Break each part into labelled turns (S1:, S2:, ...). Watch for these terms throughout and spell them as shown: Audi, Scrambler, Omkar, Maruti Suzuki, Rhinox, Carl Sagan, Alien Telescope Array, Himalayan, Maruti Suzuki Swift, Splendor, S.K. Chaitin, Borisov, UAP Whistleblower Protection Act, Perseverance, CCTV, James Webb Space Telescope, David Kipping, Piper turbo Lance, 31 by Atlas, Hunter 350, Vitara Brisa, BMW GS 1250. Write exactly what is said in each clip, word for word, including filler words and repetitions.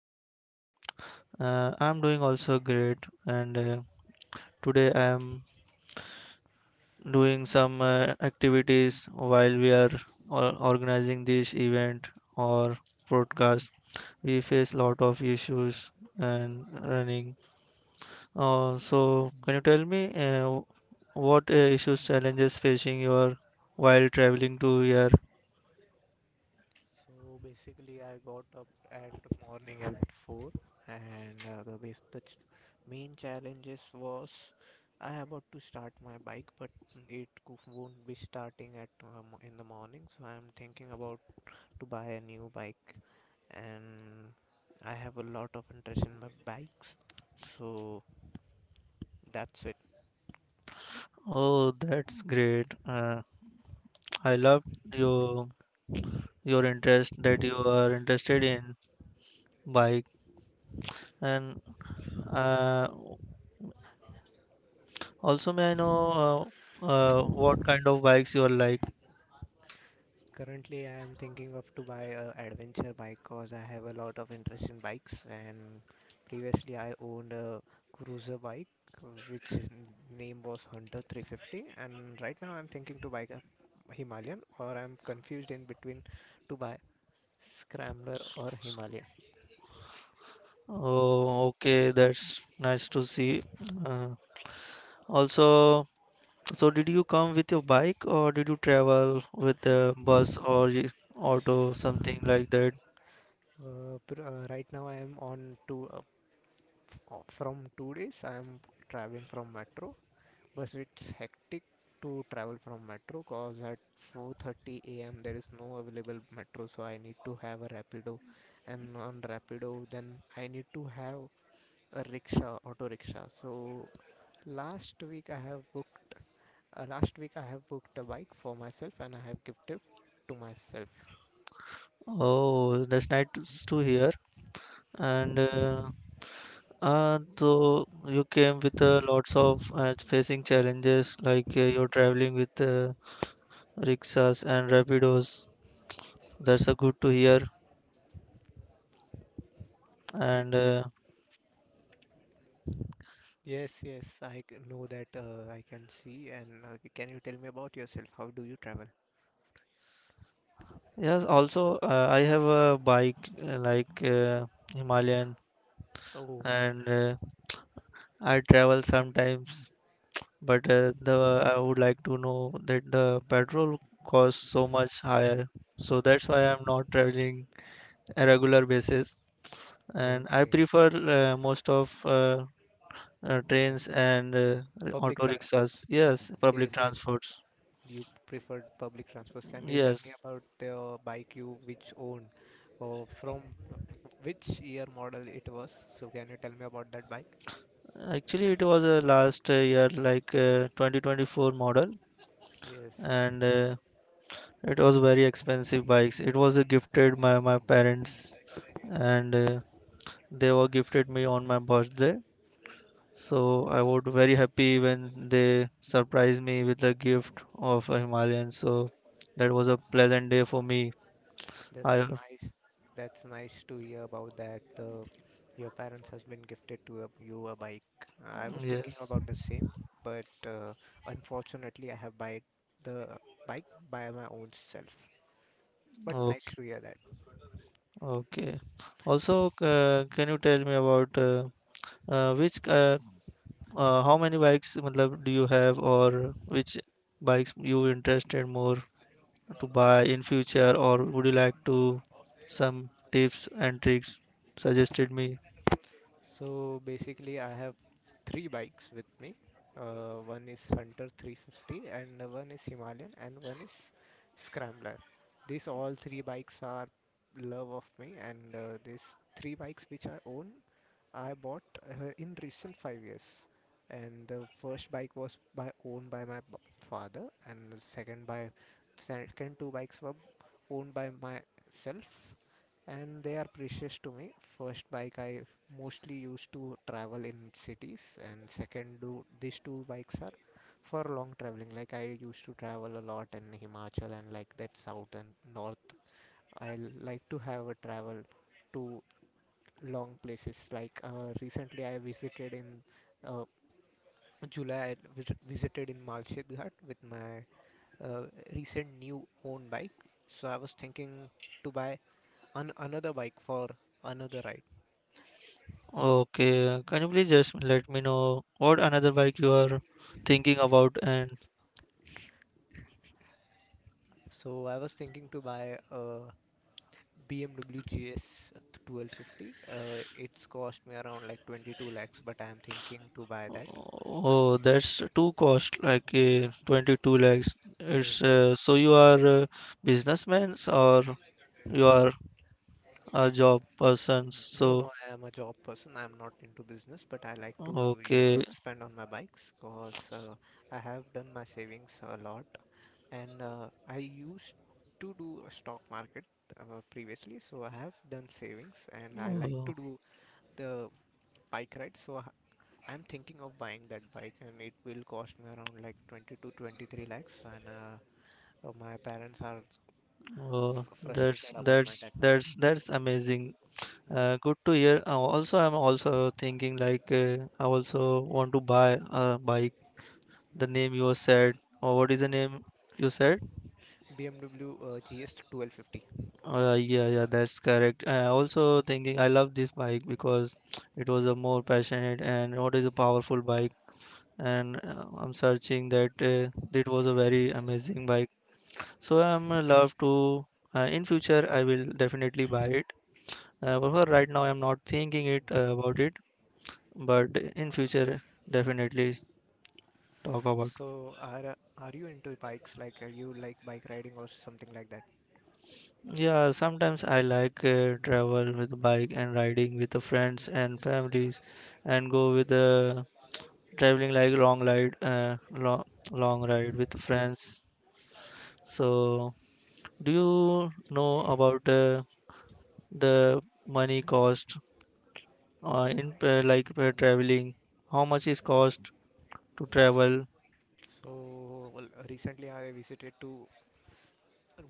S1: sure. Uh, I'm doing also great, and uh, today I'm doing some uh, activities while we are or- organizing this event or broadcast. We face lot of issues and running. Uh, so, can you tell me uh, what uh, issues, challenges facing your while traveling to here?
S2: So basically, I got up at the morning at four, and uh, the base the ch- main challenges was I about to start my bike, but it cou- won't be starting at uh, mo- in the morning. So I'm thinking about to buy a new bike, and I have a lot of interest in my bikes. So that's it.
S1: Oh, that's great. Uh, I love your your interest that you are interested in bike. And uh, also, may I know uh, uh, what kind of bikes you are like?
S2: Currently, I am thinking of to buy a adventure bike because I have a lot of interest in bikes. And previously, I owned a cruiser bike, uh, which n- name was Hunter three fifty. And right now, I'm thinking to buy a Himalayan, or I'm confused in between to buy Scrambler or Himalayan.
S1: Oh, okay, that's nice to see. Uh, also, so did you come with your bike or did you travel with the bus or y- auto, something like that?
S2: Uh, pr- uh, right now, I am on to uh, f- uh, from two days. I am traveling from metro, but it's hectic to travel from metro cause at four thirty a m there is no available metro, so I need to have a Rapido, and on Rapido then I need to have a rickshaw, auto rickshaw. So last week I have booked uh, last week I have booked a bike for myself and I have gifted to myself.
S1: Oh, that's nice to s- to hear. And uh, uh, so you came with uh, lots of uh, facing challenges like uh, you're traveling with uh, rickshaws and rapidos. That's uh, good to hear.
S2: Ye-
S1: And uh,
S2: Yes, yes, I c- know that uh, I can see. And uh, can you tell me about yourself? How do you travel?
S1: yes, also uh, I have a bike uh, like uh, Himalayan,
S2: Oh,
S1: and uh, I travel sometimes. But uh, the I would like to know that the petrol costs so much higher, so that's why I'm not traveling a regular basis. And I
S2: okay.
S1: prefer uh, most of uh, uh,
S2: Thanks.
S1: trains and uh,
S2: Public
S1: auto
S2: transport.
S1: rickshaws. Yes, public
S2: Yes, yes.
S1: transports.
S2: You preferred public transports. Can you tell me
S1: Yes,
S2: about the bike you which owned, or from which year model it was? So can you tell me about that bike?
S1: actually it was a last uh, year, like uh, twenty twenty-four model,
S2: Yes,
S1: and uh, it was very expensive bikes. It was uh, gifted by my parents, and uh, they were gifted me on my birthday. So I would very happy when they surprised me with a gift of a Himalayan. So that was a pleasant day for me.
S2: that's
S1: I
S2: nice. That's nice to hear about that. The your parents has been gifted to a, you a bike. I was thinking
S1: yes.
S2: about the same, but uh, unfortunately, I have buy the bike by my own self. But
S1: Okay.
S2: nice to hear that.
S1: Okay. Also, uh, can you tell me about uh, uh, which uh, uh, how many bikes matlab, do you have, or which bikes you interested more to buy in future, or would you like to some tips and tricks suggested me?
S2: So basically, I have three bikes with me. Uh, one is Hunter three fifty, and one is Himalayan, and one is Scrambler. These all three bikes are love of me, and uh, these three bikes which I own, I bought uh, in recent five years. And the first bike was by owned by my b- father, and the second by second two bikes were owned by myself and they are precious to me. First bike I mostly used to travel in cities and second do these two bikes are for long traveling, like I used to travel a lot in Himachal and like that south and north. I like to have a travel to long places, like uh, recently I visited in uh, July. I vis- visited in Malshid Ghat with my uh, recent new own bike. So I was thinking to buy an- another bike for another ride.
S1: Okay, can you please just let me know what another bike you are thinking about? And
S2: So I was thinking to buy a B M W G S twelve fifty. Uh, it's cost me around like twenty two lakhs, but I'm thinking to buy that.
S1: oh, that's too cost like uh, twenty-two lakhs.
S2: Yes,
S1: It's
S2: yes.
S1: uh, so you are uh, businessmen or you are a job persons.
S2: No, no,
S1: So
S2: I am a job person. I'm not into business, but I like to uh,
S1: okay,
S2: spend on my bikes because uh, I have done my savings a lot. And uh, I used to do a stock market uh, previously, so I have done savings and I like to
S1: oh,
S2: do the bike ride. So I I'm thinking of buying that bike and it will cost me around like twenty to twenty three lakhs and uh, uh, my parents are f-
S1: oh,
S2: frustrated
S1: that's
S2: about my that.
S1: that's that's that's amazing.
S2: Mm,
S1: Uh, good to hear. Uh, also, I'm also thinking like uh, I also want to buy a bike. The name
S2: mm.
S1: you said, or what is the name you said?
S2: B M W uh, G S twelve fifty.
S1: Uh, yeah, yeah, that's correct. I also thinking I love this bike because it was a more passionate and what is a powerful bike. And uh, I'm searching that uh, it was a very amazing bike. So I'm uh, love to uh, in future I will definitely buy it. Uh, but for right now I'm not thinking it uh, about it, but in future definitely talk about.
S2: So are uh, are you into bikes like uh, you like bike riding or something like that?
S1: Yeah, sometimes I like uh, travel with bike and riding with the friends and families, and go with uh, traveling like long ride, uh, long long ride with friends. So, do you know about uh, the money cost uh, in uh, like uh, traveling? How much is cost to travel?
S2: So, well, recently I visited to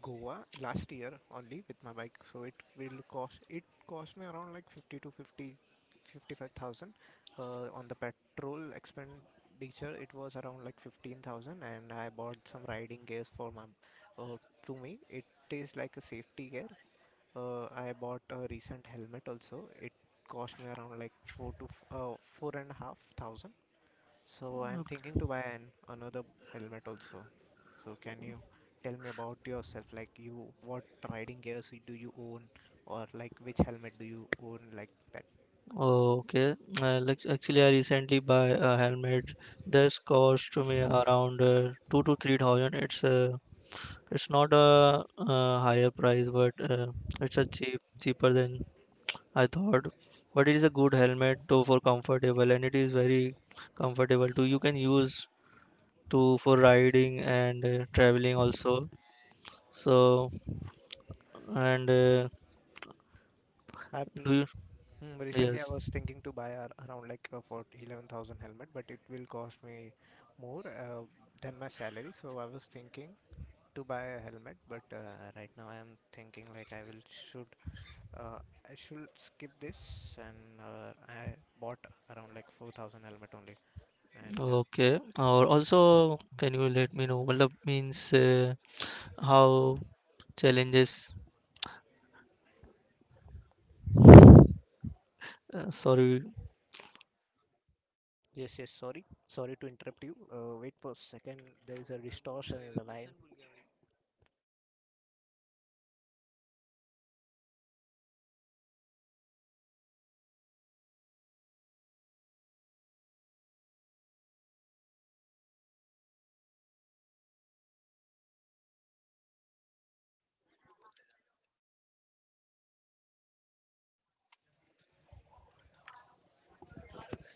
S2: Goa last year only with my bike, so it will cost it cost me around like fifty to fifty, fifty five thousand. Uh, on the petrol expenditure it was around like fifteen thousand and I bought some riding gears for my uh, to me it is like a safety gear. uh, I bought a recent helmet also. It cost me around like four to f- uh, four and a half thousand. So I'm thinking to buy an another helmet also. So can you tell me about yourself? Like you, what riding gears do you own, or like which helmet do you own, like that?
S1: Oh, okay, uh, like actually, I recently buy a helmet. This cost me around uh, two to three thousand. It's uh, it's not a, uh higher price, but uh, it's a cheap cheaper than I thought. But it is a good helmet though for comfortable, and it is very comfortable too. You can use to for riding and uh, traveling also. So and uh,
S2: I pre
S1: do you?
S2: hmm, recently I
S1: Yes.
S2: was thinking to buy a, around like a for eleven thousand helmet, but it will cost me more uh, than my salary. So I was thinking to buy a helmet, but uh, right now I'm thinking like I will should uh, I should skip this and uh, I bought around like four thousand helmet only. And uh,
S1: Okay. Or also, can you let me know? Well, means uh, how challenges? Uh, sorry.
S2: yes, yes, sorry, sorry to interrupt you. Uh, wait for a second. There is a distortion in the line.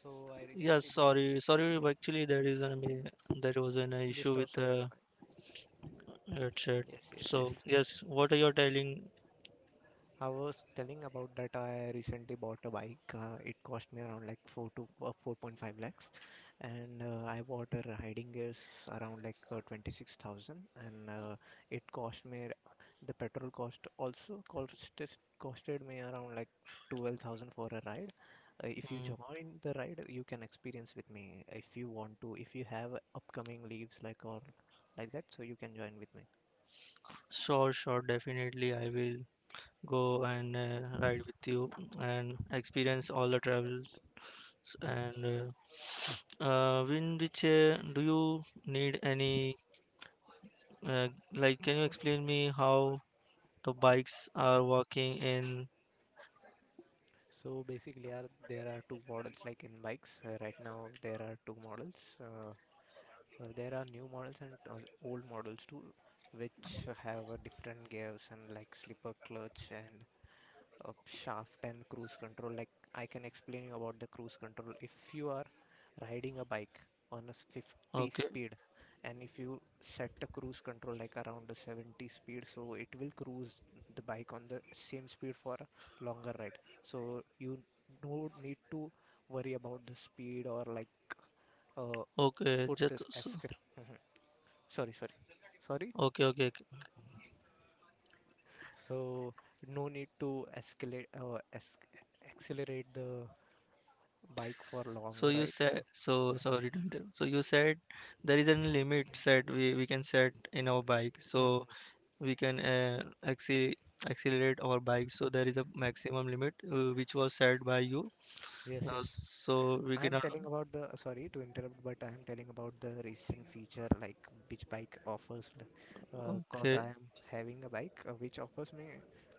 S2: So I
S1: Yes.
S2: recently bought
S1: Sorry. Sorry. Actually, there is an there was an issue with.
S2: Distortion in the
S1: Uh,
S2: Line.
S1: That's it.
S2: Yes, yes,
S1: So
S2: yes.
S1: yes, what are you telling?
S2: I was telling about that I recently bought a bike. Uh, it cost me around like four to uh, four point five lakhs and uh, I bought a riding gears around like uh, twenty six thousand and uh, it cost me the petrol cost also cost costed me around like twelve thousand for a ride. Uh, if you
S1: Mm,
S2: join the ride, you can experience with me if you want to. If you have upcoming leaves like or like that, so you can join with me.
S1: sure, sure, definitely. I will go and uh, ride with you and experience all the travels. And uh, uh, in which uh, do you need any? Uh, like, can you explain me how the bikes are working in?
S2: So basically, are there are two models like in bikes. Uh, right now, there are two models. Uh, uh, there are new models and uh, old models too, which have uh, different gears and like slipper clutch and uh, shaft and cruise control. Like I can explain you about the cruise control. If you are riding a bike on a s- fifty
S1: Okay,
S2: speed, and if you set the cruise control like around the seventy speed, so it will cruise the bike on the same speed for a longer ride, so you don't need to worry about the speed or like uh,
S1: okay,
S2: put this
S1: just so-
S2: escalate. Mm-hmm. Sorry, sorry, sorry.
S1: okay, okay.
S2: So no need to escalate uh, es- accelerate the bike for long
S1: So you
S2: rides.
S1: said so sorry to interrupt. So you said there is a limit set we, we can set in our bike.
S2: Mhm.
S1: So we can uh, acce- accelerate our bike. So there is a maximum limit uh, which was set by you.
S2: Yes,
S1: Uh,
S2: yes.
S1: so we
S2: I am
S1: cannot.
S2: telling about the, Sorry to interrupt, but I am telling about the recent feature like which bike offers, l- uh, cause
S1: Okay,
S2: I am having a bike uh, which offers me,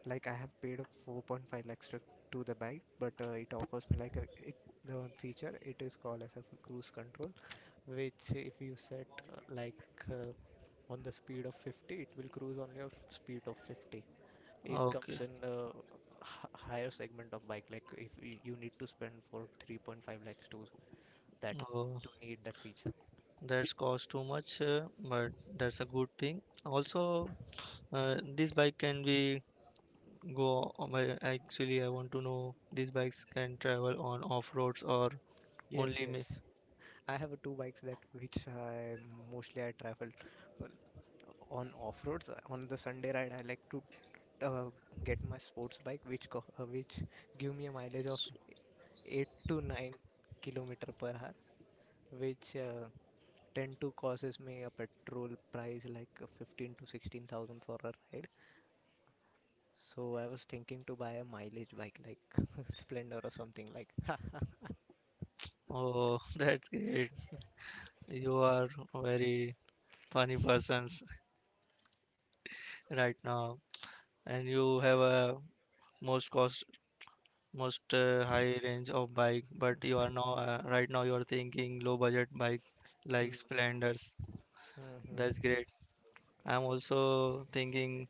S2: like I have paid a four point five lakhs to, to the bike, but uh, it offers me like a, it, the feature, it is called as a cruise control, which if you set uh, like uh, on the speed of fifty, it will cruise only of speed of fifty. It comes
S1: okay.
S2: in a h- higher segment of bike, like if y- you need to spend for three point five lakhs to that
S1: Oh,
S2: to need that feature.
S1: that's cost too much, uh, but that's a good thing. Also, uh, this bike can be go on my- actually, I want to know these bikes can travel on off roads or
S2: Yes,
S1: only
S2: yes.
S1: ma-
S2: I have uh, two bikes that which I mostly I travel, well, on off roads. On the Sunday ride, I like to uh, get my sports bike, which co uh, which give me a mileage of eight to nine kilometer per hour, which uh, tend to causes me a petrol price like uh, fifteen to sixteen thousand for a ride. So I was thinking to buy a mileage bike like Splendor or something like.
S1: Oh, that's great. You are very funny persons right now, and you have a most cost, most uh, high range of bike. But you are now uh, right now you are thinking low budget bike like
S2: Mm,
S1: Splendors. That's
S2: mhm,
S1: great. I'm also thinking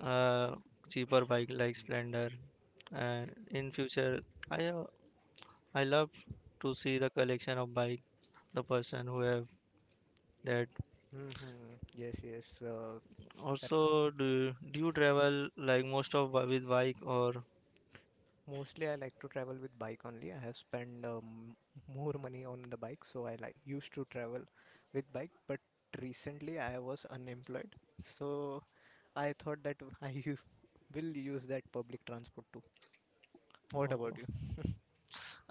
S1: uh, cheaper bike like Splendor. And in future, I uh, I love to see the collection of bike. The person who have that.
S2: mhm. Yes, yes. Uh, r-
S1: Also, do do you travel like most of bi- with bike? Or?
S2: mostly I like to travel with bike only. I have spent um, more money on the bike, so I like used to travel with bike, but recently I was unemployed, so I thought that I u- will use that public transport too. What about
S1: or-
S2: you?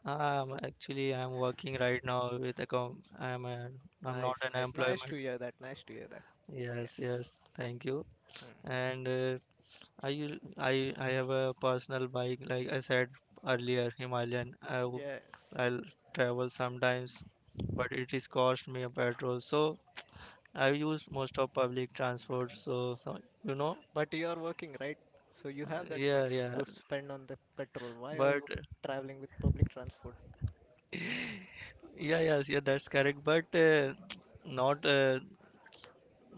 S1: i actually I'm working right now with a com I'm a, I'm not
S2: Nice,
S1: an
S2: nice, nice
S1: employment.
S2: to hear that. Nice to hear that.
S1: Yes,
S2: Yes.
S1: yes. Thank you.
S2: Mm.
S1: And uh, I u- I I have a personal bike. Like I said earlier, Himalayan. I w-
S2: Yes.
S1: I'll travel sometimes, but it is cost me a petrol. So I use most of public transport. So, so you know,
S2: But you are working, right? So you have that
S1: yeah,
S2: money
S1: yeah.
S2: to spend on the petrol. Why are
S1: But
S2: you traveling with public transport?
S1: yeah, yes, yeah, that's correct. But uh, not uh,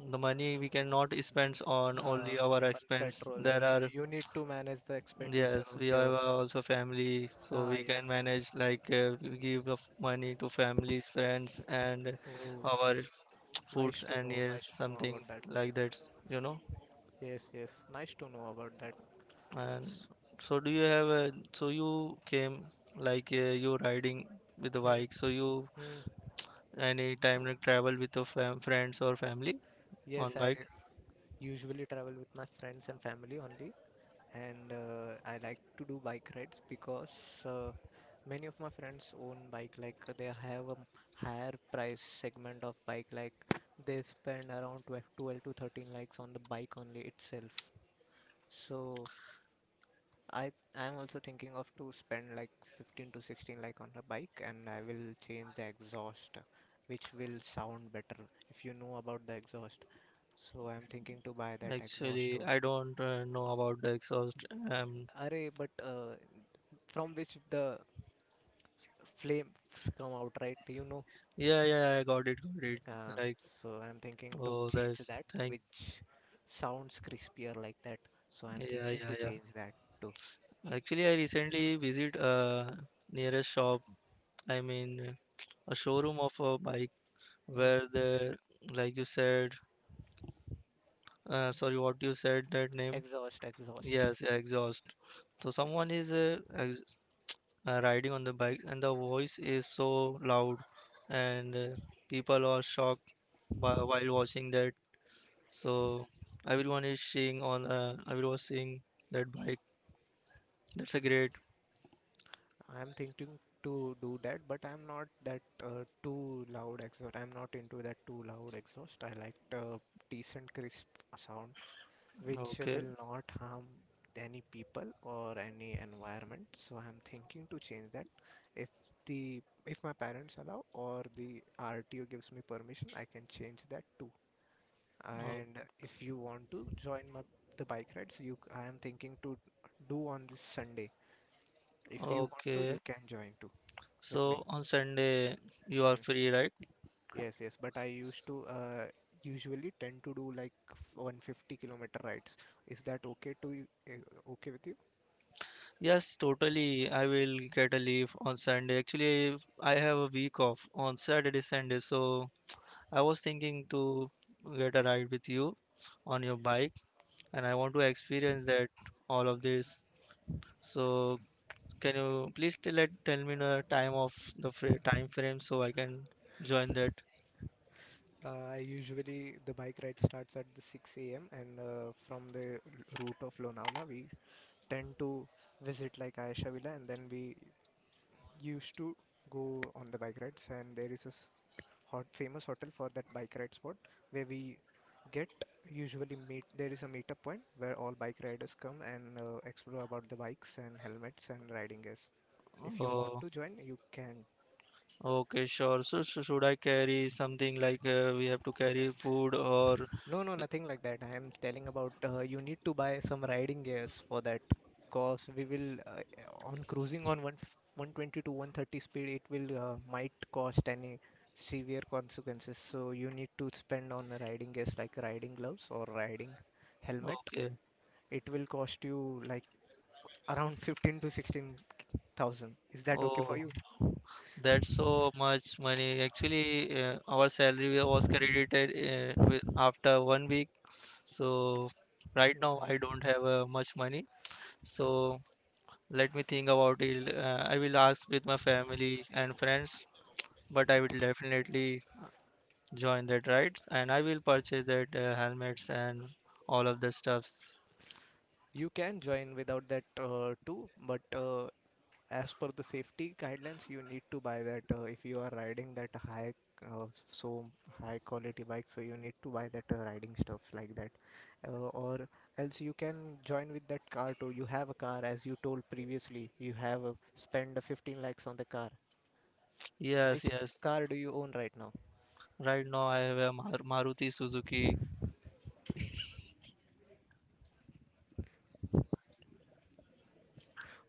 S1: the money we cannot spend on
S2: Ah,
S1: only our
S2: on
S1: expense.
S2: petrol.
S1: There
S2: So
S1: are.
S2: you need to manage the expenditure
S1: Yes,
S2: of
S1: we have
S2: yours.
S1: also family, so
S2: Ah,
S1: we can
S2: yes. Yes.
S1: manage like uh, we give of money to families, friends, and
S2: Oh,
S1: our
S2: okay. Nice
S1: foods
S2: to
S1: and
S2: know.
S1: yes,
S2: Nice to know
S1: something
S2: about that.
S1: like that. You know,
S2: Yes, yes. Nice to know about that.
S1: and
S2: S-
S1: so do you have a, so you came like uh, you riding with the
S2: Hmm.
S1: bike. So you
S2: Mm.
S1: any time like travel with your fam friends or family
S2: Yes,
S1: on
S2: I
S1: bike?
S2: usually travel with my friends and family only. and uh, I like to do bike rides because uh, many of my friends own bike, like uh, they have a m- higher price segment of bike, like they spend around 12, twelve to thirteen likes on the bike only itself. So I I'm also thinking of to spend like fifteen to sixteen like on a bike and I will change the exhaust, which will sound better if you know about the exhaust. So I'm thinking to buy that exhaust
S1: Actually,
S2: too.
S1: I don't uh, know about the exhaust. Um,
S2: Array, but uh, from which the s- flames come out, right. you know
S1: yeah, yeah, yeah, I got it, got it.
S2: uh,
S1: Like,
S2: so I'm thinking to
S1: oh,
S2: change
S1: that's
S2: that,
S1: thank.
S2: which sounds crispier like that. So I'm
S1: Yeah,
S2: thinking to
S1: yeah, yeah.
S2: change that too.
S1: Actually, I recently visit a nearest shop. I mean, a showroom of a bike where
S2: Mhm.
S1: the like you said. Uh, sorry, what you said that name?
S2: Exhaust, exhaust.
S1: Yes, yeah, exhaust. So someone is uh, ex uh, riding on the bike, and the voice is so loud, and uh, people are shocked by, while watching that. So everyone is seeing on uh, everyone was seeing that bike. That's a great.
S2: I'm thinking to do that, but i'm not that uh, too loud exhaust I'm not into that too loud exhaust. I like uh, decent crisp sound, which
S1: Okay.
S2: will not harm any people or any environment. So I'm thinking to change that. If the if my parents allow or the R T O gives me permission, I can change that too.
S1: o-
S2: And if you want to join my the bike rides, you c- I am thinking to do on this Sunday. If you want to, you
S1: Okay.
S2: can join too with me.
S1: So on Sunday you are
S2: Mm.
S1: free, right?
S2: Yes, yes. But I used to uh, usually tend to do like 150 kilometer rides. Is that okay to you? eh, Okay with you?
S1: Yes, totally. I will get a leave on Sunday. Actually, I have a week off on Saturday, Sunday. So I was thinking to get a ride with you on
S2: Mm.
S1: your bike, and I want to experience that all of this. So can you please tell, let, tell me the time of the fra time frame so I can join that?
S2: Uh, I usually the bike ride starts at the six a m, and uh, from the route of Lonavala, we tend to visit like Ayasha Villa, and then we used to go on the bike rides. And there is a s- hot famous hotel for that bike ride spot where we get usually meet. There is a meetup point where all bike riders come and uh, explore about the bikes and helmets and riding gears. If you want
S1: Oh,
S2: to join, you can.
S1: okay, sure. So, sh should I carry something like uh, we have to carry food or
S2: No, no, nothing like that. I am telling about uh, you need to buy some riding gears for that. Cause we will uh, on cruising on one 120 to one thirty speed, it will uh, might cost any severe consequences. So you need to spend on riding gears like riding gloves or riding helmet.
S1: okay?
S2: It will cost you like around fifteen to sixteen thousand. Is that okay for
S1: Oh,
S2: you?
S1: that's so much money. Actually, uh, our salary was credited uh, with after one week. So right now
S2: Mhm.
S1: I don't have uh, much money. So let me think about it. Uh, I will ask with my family and friends, but I will definitely join that right, and i will purchase that uh, helmets and all of the stuffs.
S2: You can join without that uh, too, but uh, as per the safety guidelines you need to buy that uh, if you are riding that high uh, so high quality bike, so you need to buy that uh, riding stuff like that. Uh, or else you can join with that car too. You have a car, as you told previously, you have uh, spent uh, 15 lakhs on the car. Which
S1: Yes, yes.
S2: car do you own right now?
S1: Right now I have a Mar- Maruti Suzuki.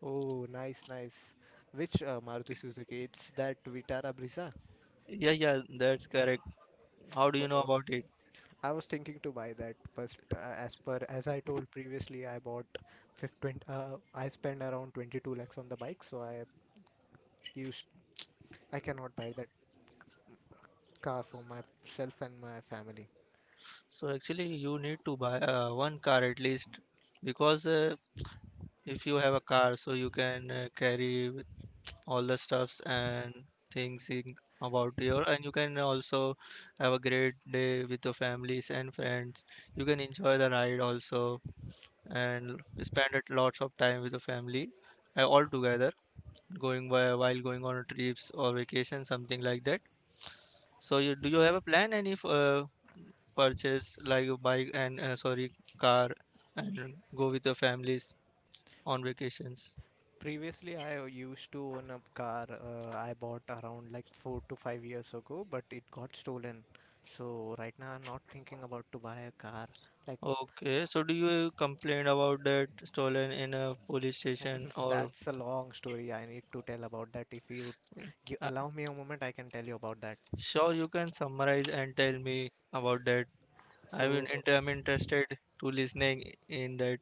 S2: Oh, nice, nice. Which uh, Maruti Suzuki? It's that Vitara Brisa?
S1: Yeah, yeah, that's correct. How do you know
S2: Oh,
S1: about it?
S2: I was thinking to buy that, but uh, as per as I told previously, I bought fifteen, uh, I spent around 22 lakhs on the bike, so I used I cannot buy that car for myself and my family.
S1: So actually you need to buy uh, one car at least, because uh, if you have a car, so you can uh, carry with all the stuffs and things in, about your, and you can also have a great day with your families and friends. You can enjoy the ride also, and spend it lots of time with the family uh, all together, going by while going on trips or vacation, something like that. So you, do you have a plan any f- uh, purchase like a bike, and uh, sorry, car, and go with your families on vacations?
S2: Previously, I used to own a car. uh, I bought around like four to five years ago, but it got stolen. So right now, I'm not thinking about to buy a car. Like,
S1: Okay, so do you complain about that stolen in a police station or?
S2: that's a long story. I need to tell about that. If you, you
S1: uh,
S2: allow me a moment, I can tell you about that.
S1: sure, you can summarize and tell me about that. i mean
S2: So.
S1: int- I'm interested to listening in that.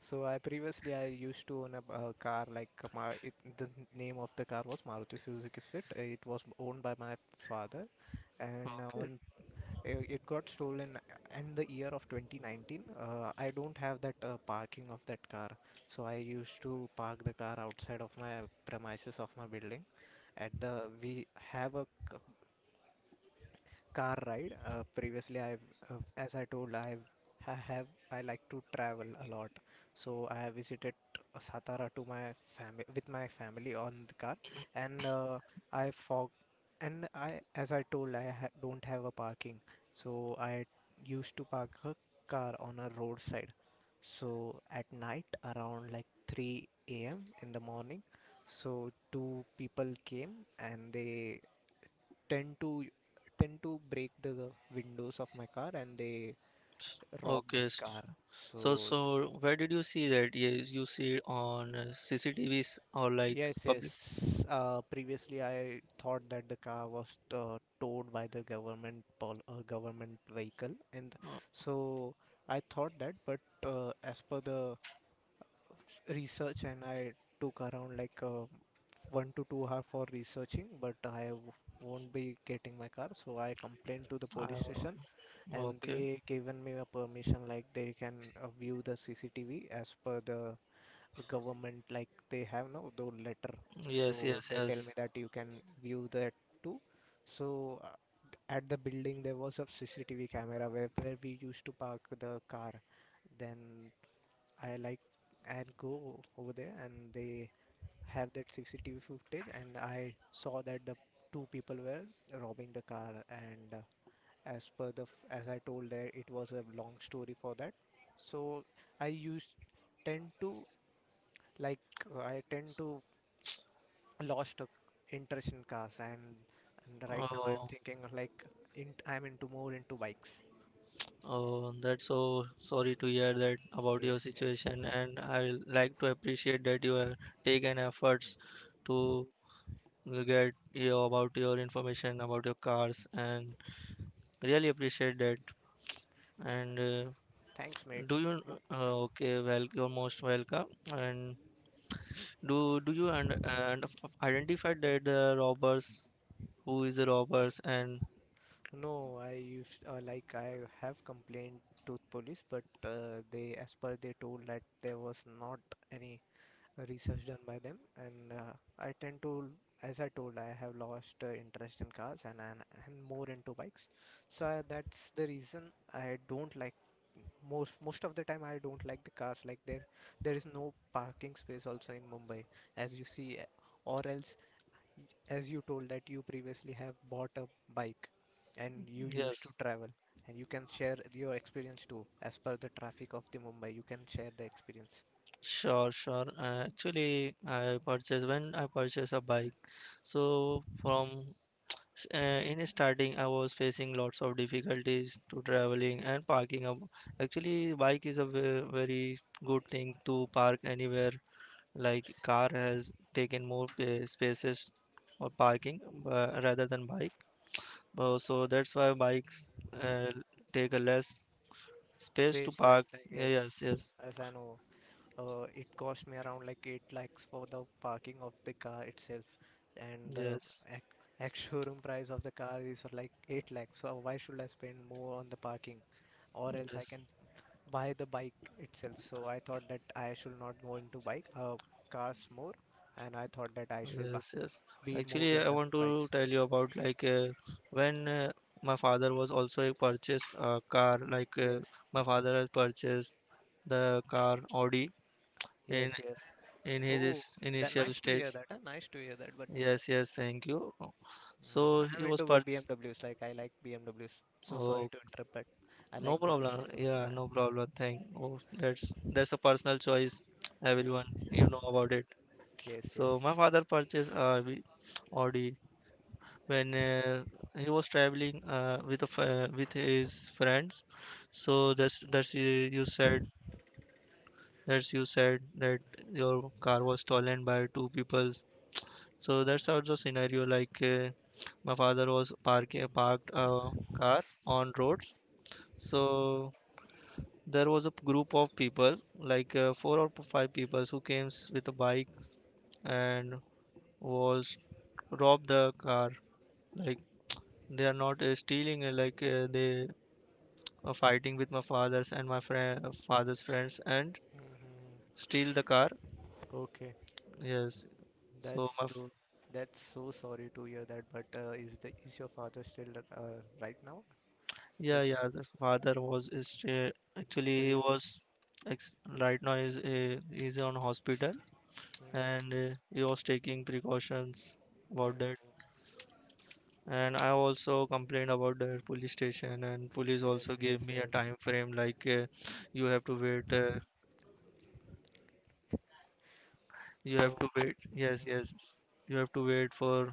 S2: So I, previously, I used to own a, uh car like, uh, my it, the name of the car was Maruti Suzuki Swift. Uh, It was owned by my father, and uh,
S1: Okay,
S2: on uh, it got stolen uh, in the year of twenty nineteen. Uh, I don't have that uh, parking of that car, so I used to park the car outside of my premises of my building. At the We have a car ride. Uh, previously, I've, uh, as I told, I've, I have, I like to travel a lot. So I have visited Satara to my family with my family on the car, and uh, I fog, and I, as I told, I ha don't have a parking. So I used to park a car on a roadside. So at night, around like three a m in the morning, so two people came and they tend to tend to break the windows of my car, and they rob
S1: okay,
S2: that
S1: s-
S2: car.
S1: so,
S2: So,
S1: so where did you see that? Yes, you see it on uh, C C T Vs or like
S2: yes, yes.
S1: public.
S2: Uh, previously, I thought that the car was uh, towed by the government pol uh, government vehicle, and
S1: Uh,
S2: so I thought that. But uh, as per the research, and I took around like uh, one to two hour for researching, but I w- won't be getting my car, so I complained to the
S1: uh,
S2: police station, and
S1: okay.
S2: they given me a permission like they can uh, view the C C T V as per the government, like they have no the letter,
S1: Yes,
S2: so
S1: yes,
S2: they tell me
S1: yes.
S2: that you can view that too. So uh, at the building there was a C C T V camera where, where we used to park the car. Then I like and go over there, and they have that C C T V footage, and I saw that the two people were robbing the car. And uh, as per the f- as I told, there it was a long story for that. So, I used tend to, like, uh, I tend to lost a interest in cars, and, and right now I'm
S1: Oh,
S2: thinking of, like, in, I'm into more into bikes.
S1: oh, that's so sorry to hear that about
S2: Yes,
S1: your
S2: yes.
S1: situation, and I like to appreciate that you have taken efforts to get you about your information about your cars, and really appreciate that. And uh,
S2: Thanks, mate.
S1: do you?
S2: Wha-
S1: Uh, okay, well, you're most welcome, and do do you, and, and identify that the robbers, who is the robbers, and
S2: no, I used uh, like, I have complained to police, but uh, they, as per they told, that there was not any research done by them. And uh, I tend to, as I told, I have lost uh, interest in cars, and I'm, I'm more into bikes. So I, that's the reason I don't like, most most of the time I don't like the cars. Like, there there is no parking space also in Mumbai, as you see. Uh, or else, y- as you told that you previously have bought a bike and you used to
S1: yes,
S2: travel, and you can share your experience too, as per the traffic of the Mumbai, you can share the experience.
S1: sure, sure, uh, actually i purchased when i purchased a bike. So from s- uh, in starting i was facing lots of difficulties to traveling and parking up. Actually, bike is a ve- very good thing to park anywhere. Like car has taken more pa- spaces for parking uh, rather than bike. Uh, so that's why bikes uh, take a less space to
S2: Space, like
S1: park.
S2: I
S1: Yeah,
S2: guess,
S1: yes, yes,
S2: as I know, uh, it cost me around like eight lakhs for the parking of the car itself, and the
S1: yes,
S2: ac ex showroom price of the car is like eight lakhs. So why should I spend more on the parking, or else I
S1: yes,
S2: can buy the bike itself. So I thought that I should not go into bike uh, cars more, and I thought that I should ba-
S1: yes, yes.
S2: be more
S1: Actually,
S2: in
S1: I
S2: the
S1: want to
S2: bikes.
S1: tell you about like uh, when uh, my father was also purchased a car. Like uh,
S2: Yes,
S1: my father has purchased the car Audi in
S2: yes, yes.
S1: in his
S2: Oh,
S1: is-
S2: that
S1: initial
S2: nice to
S1: stage.
S2: hear that. Huh? Nice to hear that. But,
S1: Yes, yes. Thank you. So
S2: mm,
S1: he
S2: I'm
S1: was
S2: into b-
S1: purchased.
S2: BMWs. Like, I like B M Ws. So sorry to interrupt, but I
S1: No
S2: like
S1: problem.
S2: B M Ws.
S1: Yeah, no
S2: Uh,
S1: problem thing. Oh, that's that's a personal choice. Everyone, you
S2: mm.
S1: know about it.
S2: Yes,
S1: So
S2: yes.
S1: my father purchased a V- Audi when uh, he was traveling uh, with a fa- with his friends. So that's that's you, you said that's you said that your car was stolen by two peoples. So that's also scenario like uh, my father was parking parked a car on roads. So there was a p- group of people like uh, four or five people who came s- with a bike and was robbed the car. Like they are not uh, stealing uh, like uh, they are fighting with my father's and my friend father's friends and
S2: Mm-hmm.
S1: steal the car,
S2: Okay,
S1: yes. So
S2: that's
S1: my f-
S2: though. That's so sorry to hear that. But uh, is the is your father still uh, right now?
S1: yeah,
S2: It's
S1: yeah, the father was is uh, actually
S2: so
S1: he
S2: you.
S1: was ex-
S2: It's.
S1: right now is uh, he's on hospital,
S2: Mm,
S1: and uh, he was taking precautions about that.
S2: mm,
S1: And I also complained about the police station, and police
S2: yes,
S1: also
S2: yes,
S1: gave me a
S2: yes.
S1: time frame like uh, you have to wait uh, you have
S2: So.
S1: to wait, yes,
S2: Mm-hmm.
S1: yes, yes. You have to wait for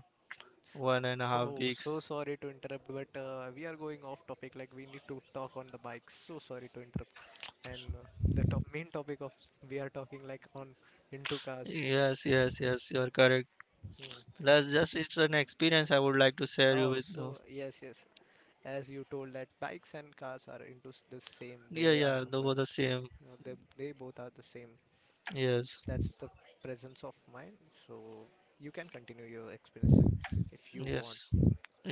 S1: one and a half
S2: Oh, so
S1: weeks.
S2: sorry to interrupt, but uh, we are going off topic. Like, we need to talk on the bike. So sorry to interrupt. And uh, the top main topic of we are talking, like, on into cars.
S1: Yes, yes, yes, you are correct.
S2: Mm.
S1: That's just, it's an experience I would like to share you
S2: Oh,
S1: with. uh,
S2: so, yes, yes. As you told that bikes and cars are into s- the same.
S1: yeah,
S2: They are
S1: yeah,
S2: the
S1: they were
S2: mem-
S1: the
S2: so,
S1: same.
S2: you know, they they both are the same.
S1: Yes,
S2: That's the presence of mind. So you can continue your experience, uh, if you want.
S1: yes,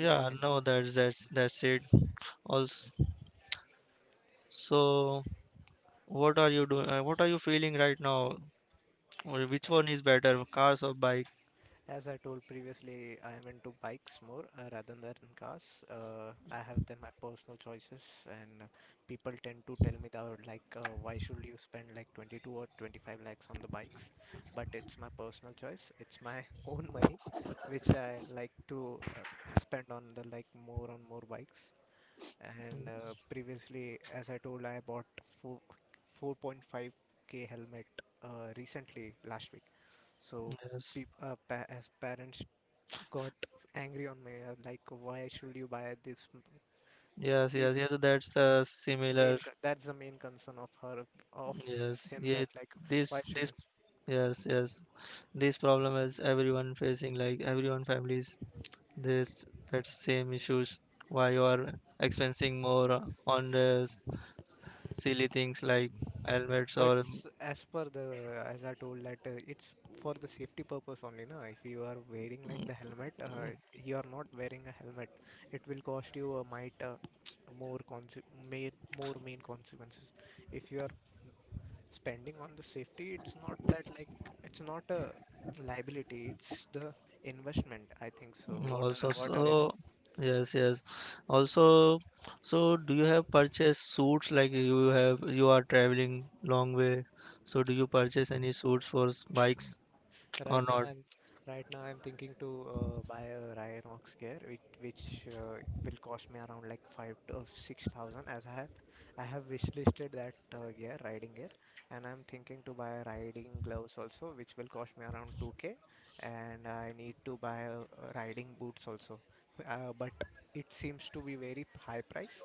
S2: You can tell me.
S1: no, that's that's that's it. Also, so what are you doing, uh, what are you feeling right now, or which
S2: Uh,
S1: one is better, cars or bike?
S2: As I told previously, I am into bikes more, uh, rather than cars. Uh, I have then my personal choices, and uh, people tend to tell me that, like, uh, why should you spend like twenty-two or twenty-five lakhs on the bikes? But it's my personal choice. It's my own money, which I like to uh, spend on the like more on more bikes. And uh, previously, as I told, I bought four 4.5k helmet uh, recently last week. So
S1: Yes,
S2: peop uh, pa- as parents got angry on me, uh, like, why should you buy this? m-
S1: yes, yes,
S2: This,
S1: yes. That's uh, similar.
S2: main co- that's the main concern of her of
S1: Yes,
S2: him,
S1: yeah.
S2: that, like, why
S1: This,
S2: should
S1: this,
S2: you?
S1: yes, yes. This problem is everyone facing. Like everyone families this that same issues. Why you are expensing more on the s- silly things like helmets
S2: But
S1: or?
S2: s- as per the as I told that, uh, it's for the safety purpose only, na. If you are wearing like the helmet, uh, you are not wearing a helmet, it will cost you a might, uh, more conse- main, more main consequences. If you are spending on the safety, it's not that, like, it's not a liability, it's the investment, I think. So, what are
S1: Also,
S2: what are your
S1: so yes, yes. Also, so do you have purchased suits like you have you are traveling long way? So do you purchase any suits for s- bikes or
S2: Right now,
S1: not?
S2: I'm right now, I'm thinking to uh, buy a Rhinox gear, which which uh, will cost me around like five to six thousand. As I have, I have wishlisted that uh, gear, riding gear, and I'm thinking to buy riding gloves also, which will cost me around two k, and I need to buy uh, riding boots also. Uh, but it seems to be very high price.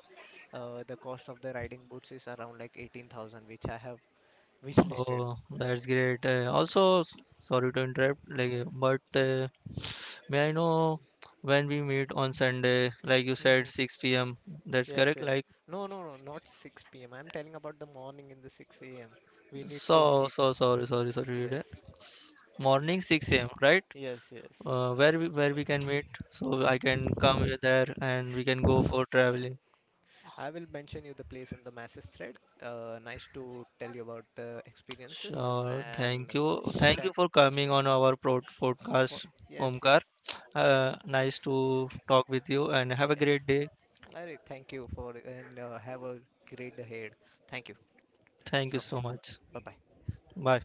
S2: Uh, the cost of the riding boots is around like eighteen thousand, which I have wishlisted.
S1: Oh, that's great. Uh, also, s- sorry to interrupt, like, uh, but uh, may I know when we meet on Sunday? Like you said, six p m. That's
S2: Yes,
S1: correct.
S2: yes.
S1: Like,
S2: No, no, no, not six p m. I'm telling about the morning in the six a m. We need to
S1: so,
S2: meet.
S1: so sorry, sorry, sorry.
S2: Yes,
S1: uh, Morning six a m, right?
S2: yes, yes.
S1: uh, where we where we can meet so I can come here there, and we can go for traveling.
S2: I will mention you the place in the message thread. Uh, nice to tell you about the experiences.
S1: Sure. Thank
S2: And
S1: you. Thank
S2: chef.
S1: you for coming on our prod
S2: po-
S1: podcast,
S2: Yes, yes,
S1: Omkar.
S2: yes,
S1: Uh, nice to talk with you and have a
S2: yes.
S1: great day.
S2: All right, thank you for, and uh, have a great day ahead. Thank you
S1: Thank
S2: so
S1: you
S2: much.
S1: so much.
S2: Bye bye.
S1: Bye.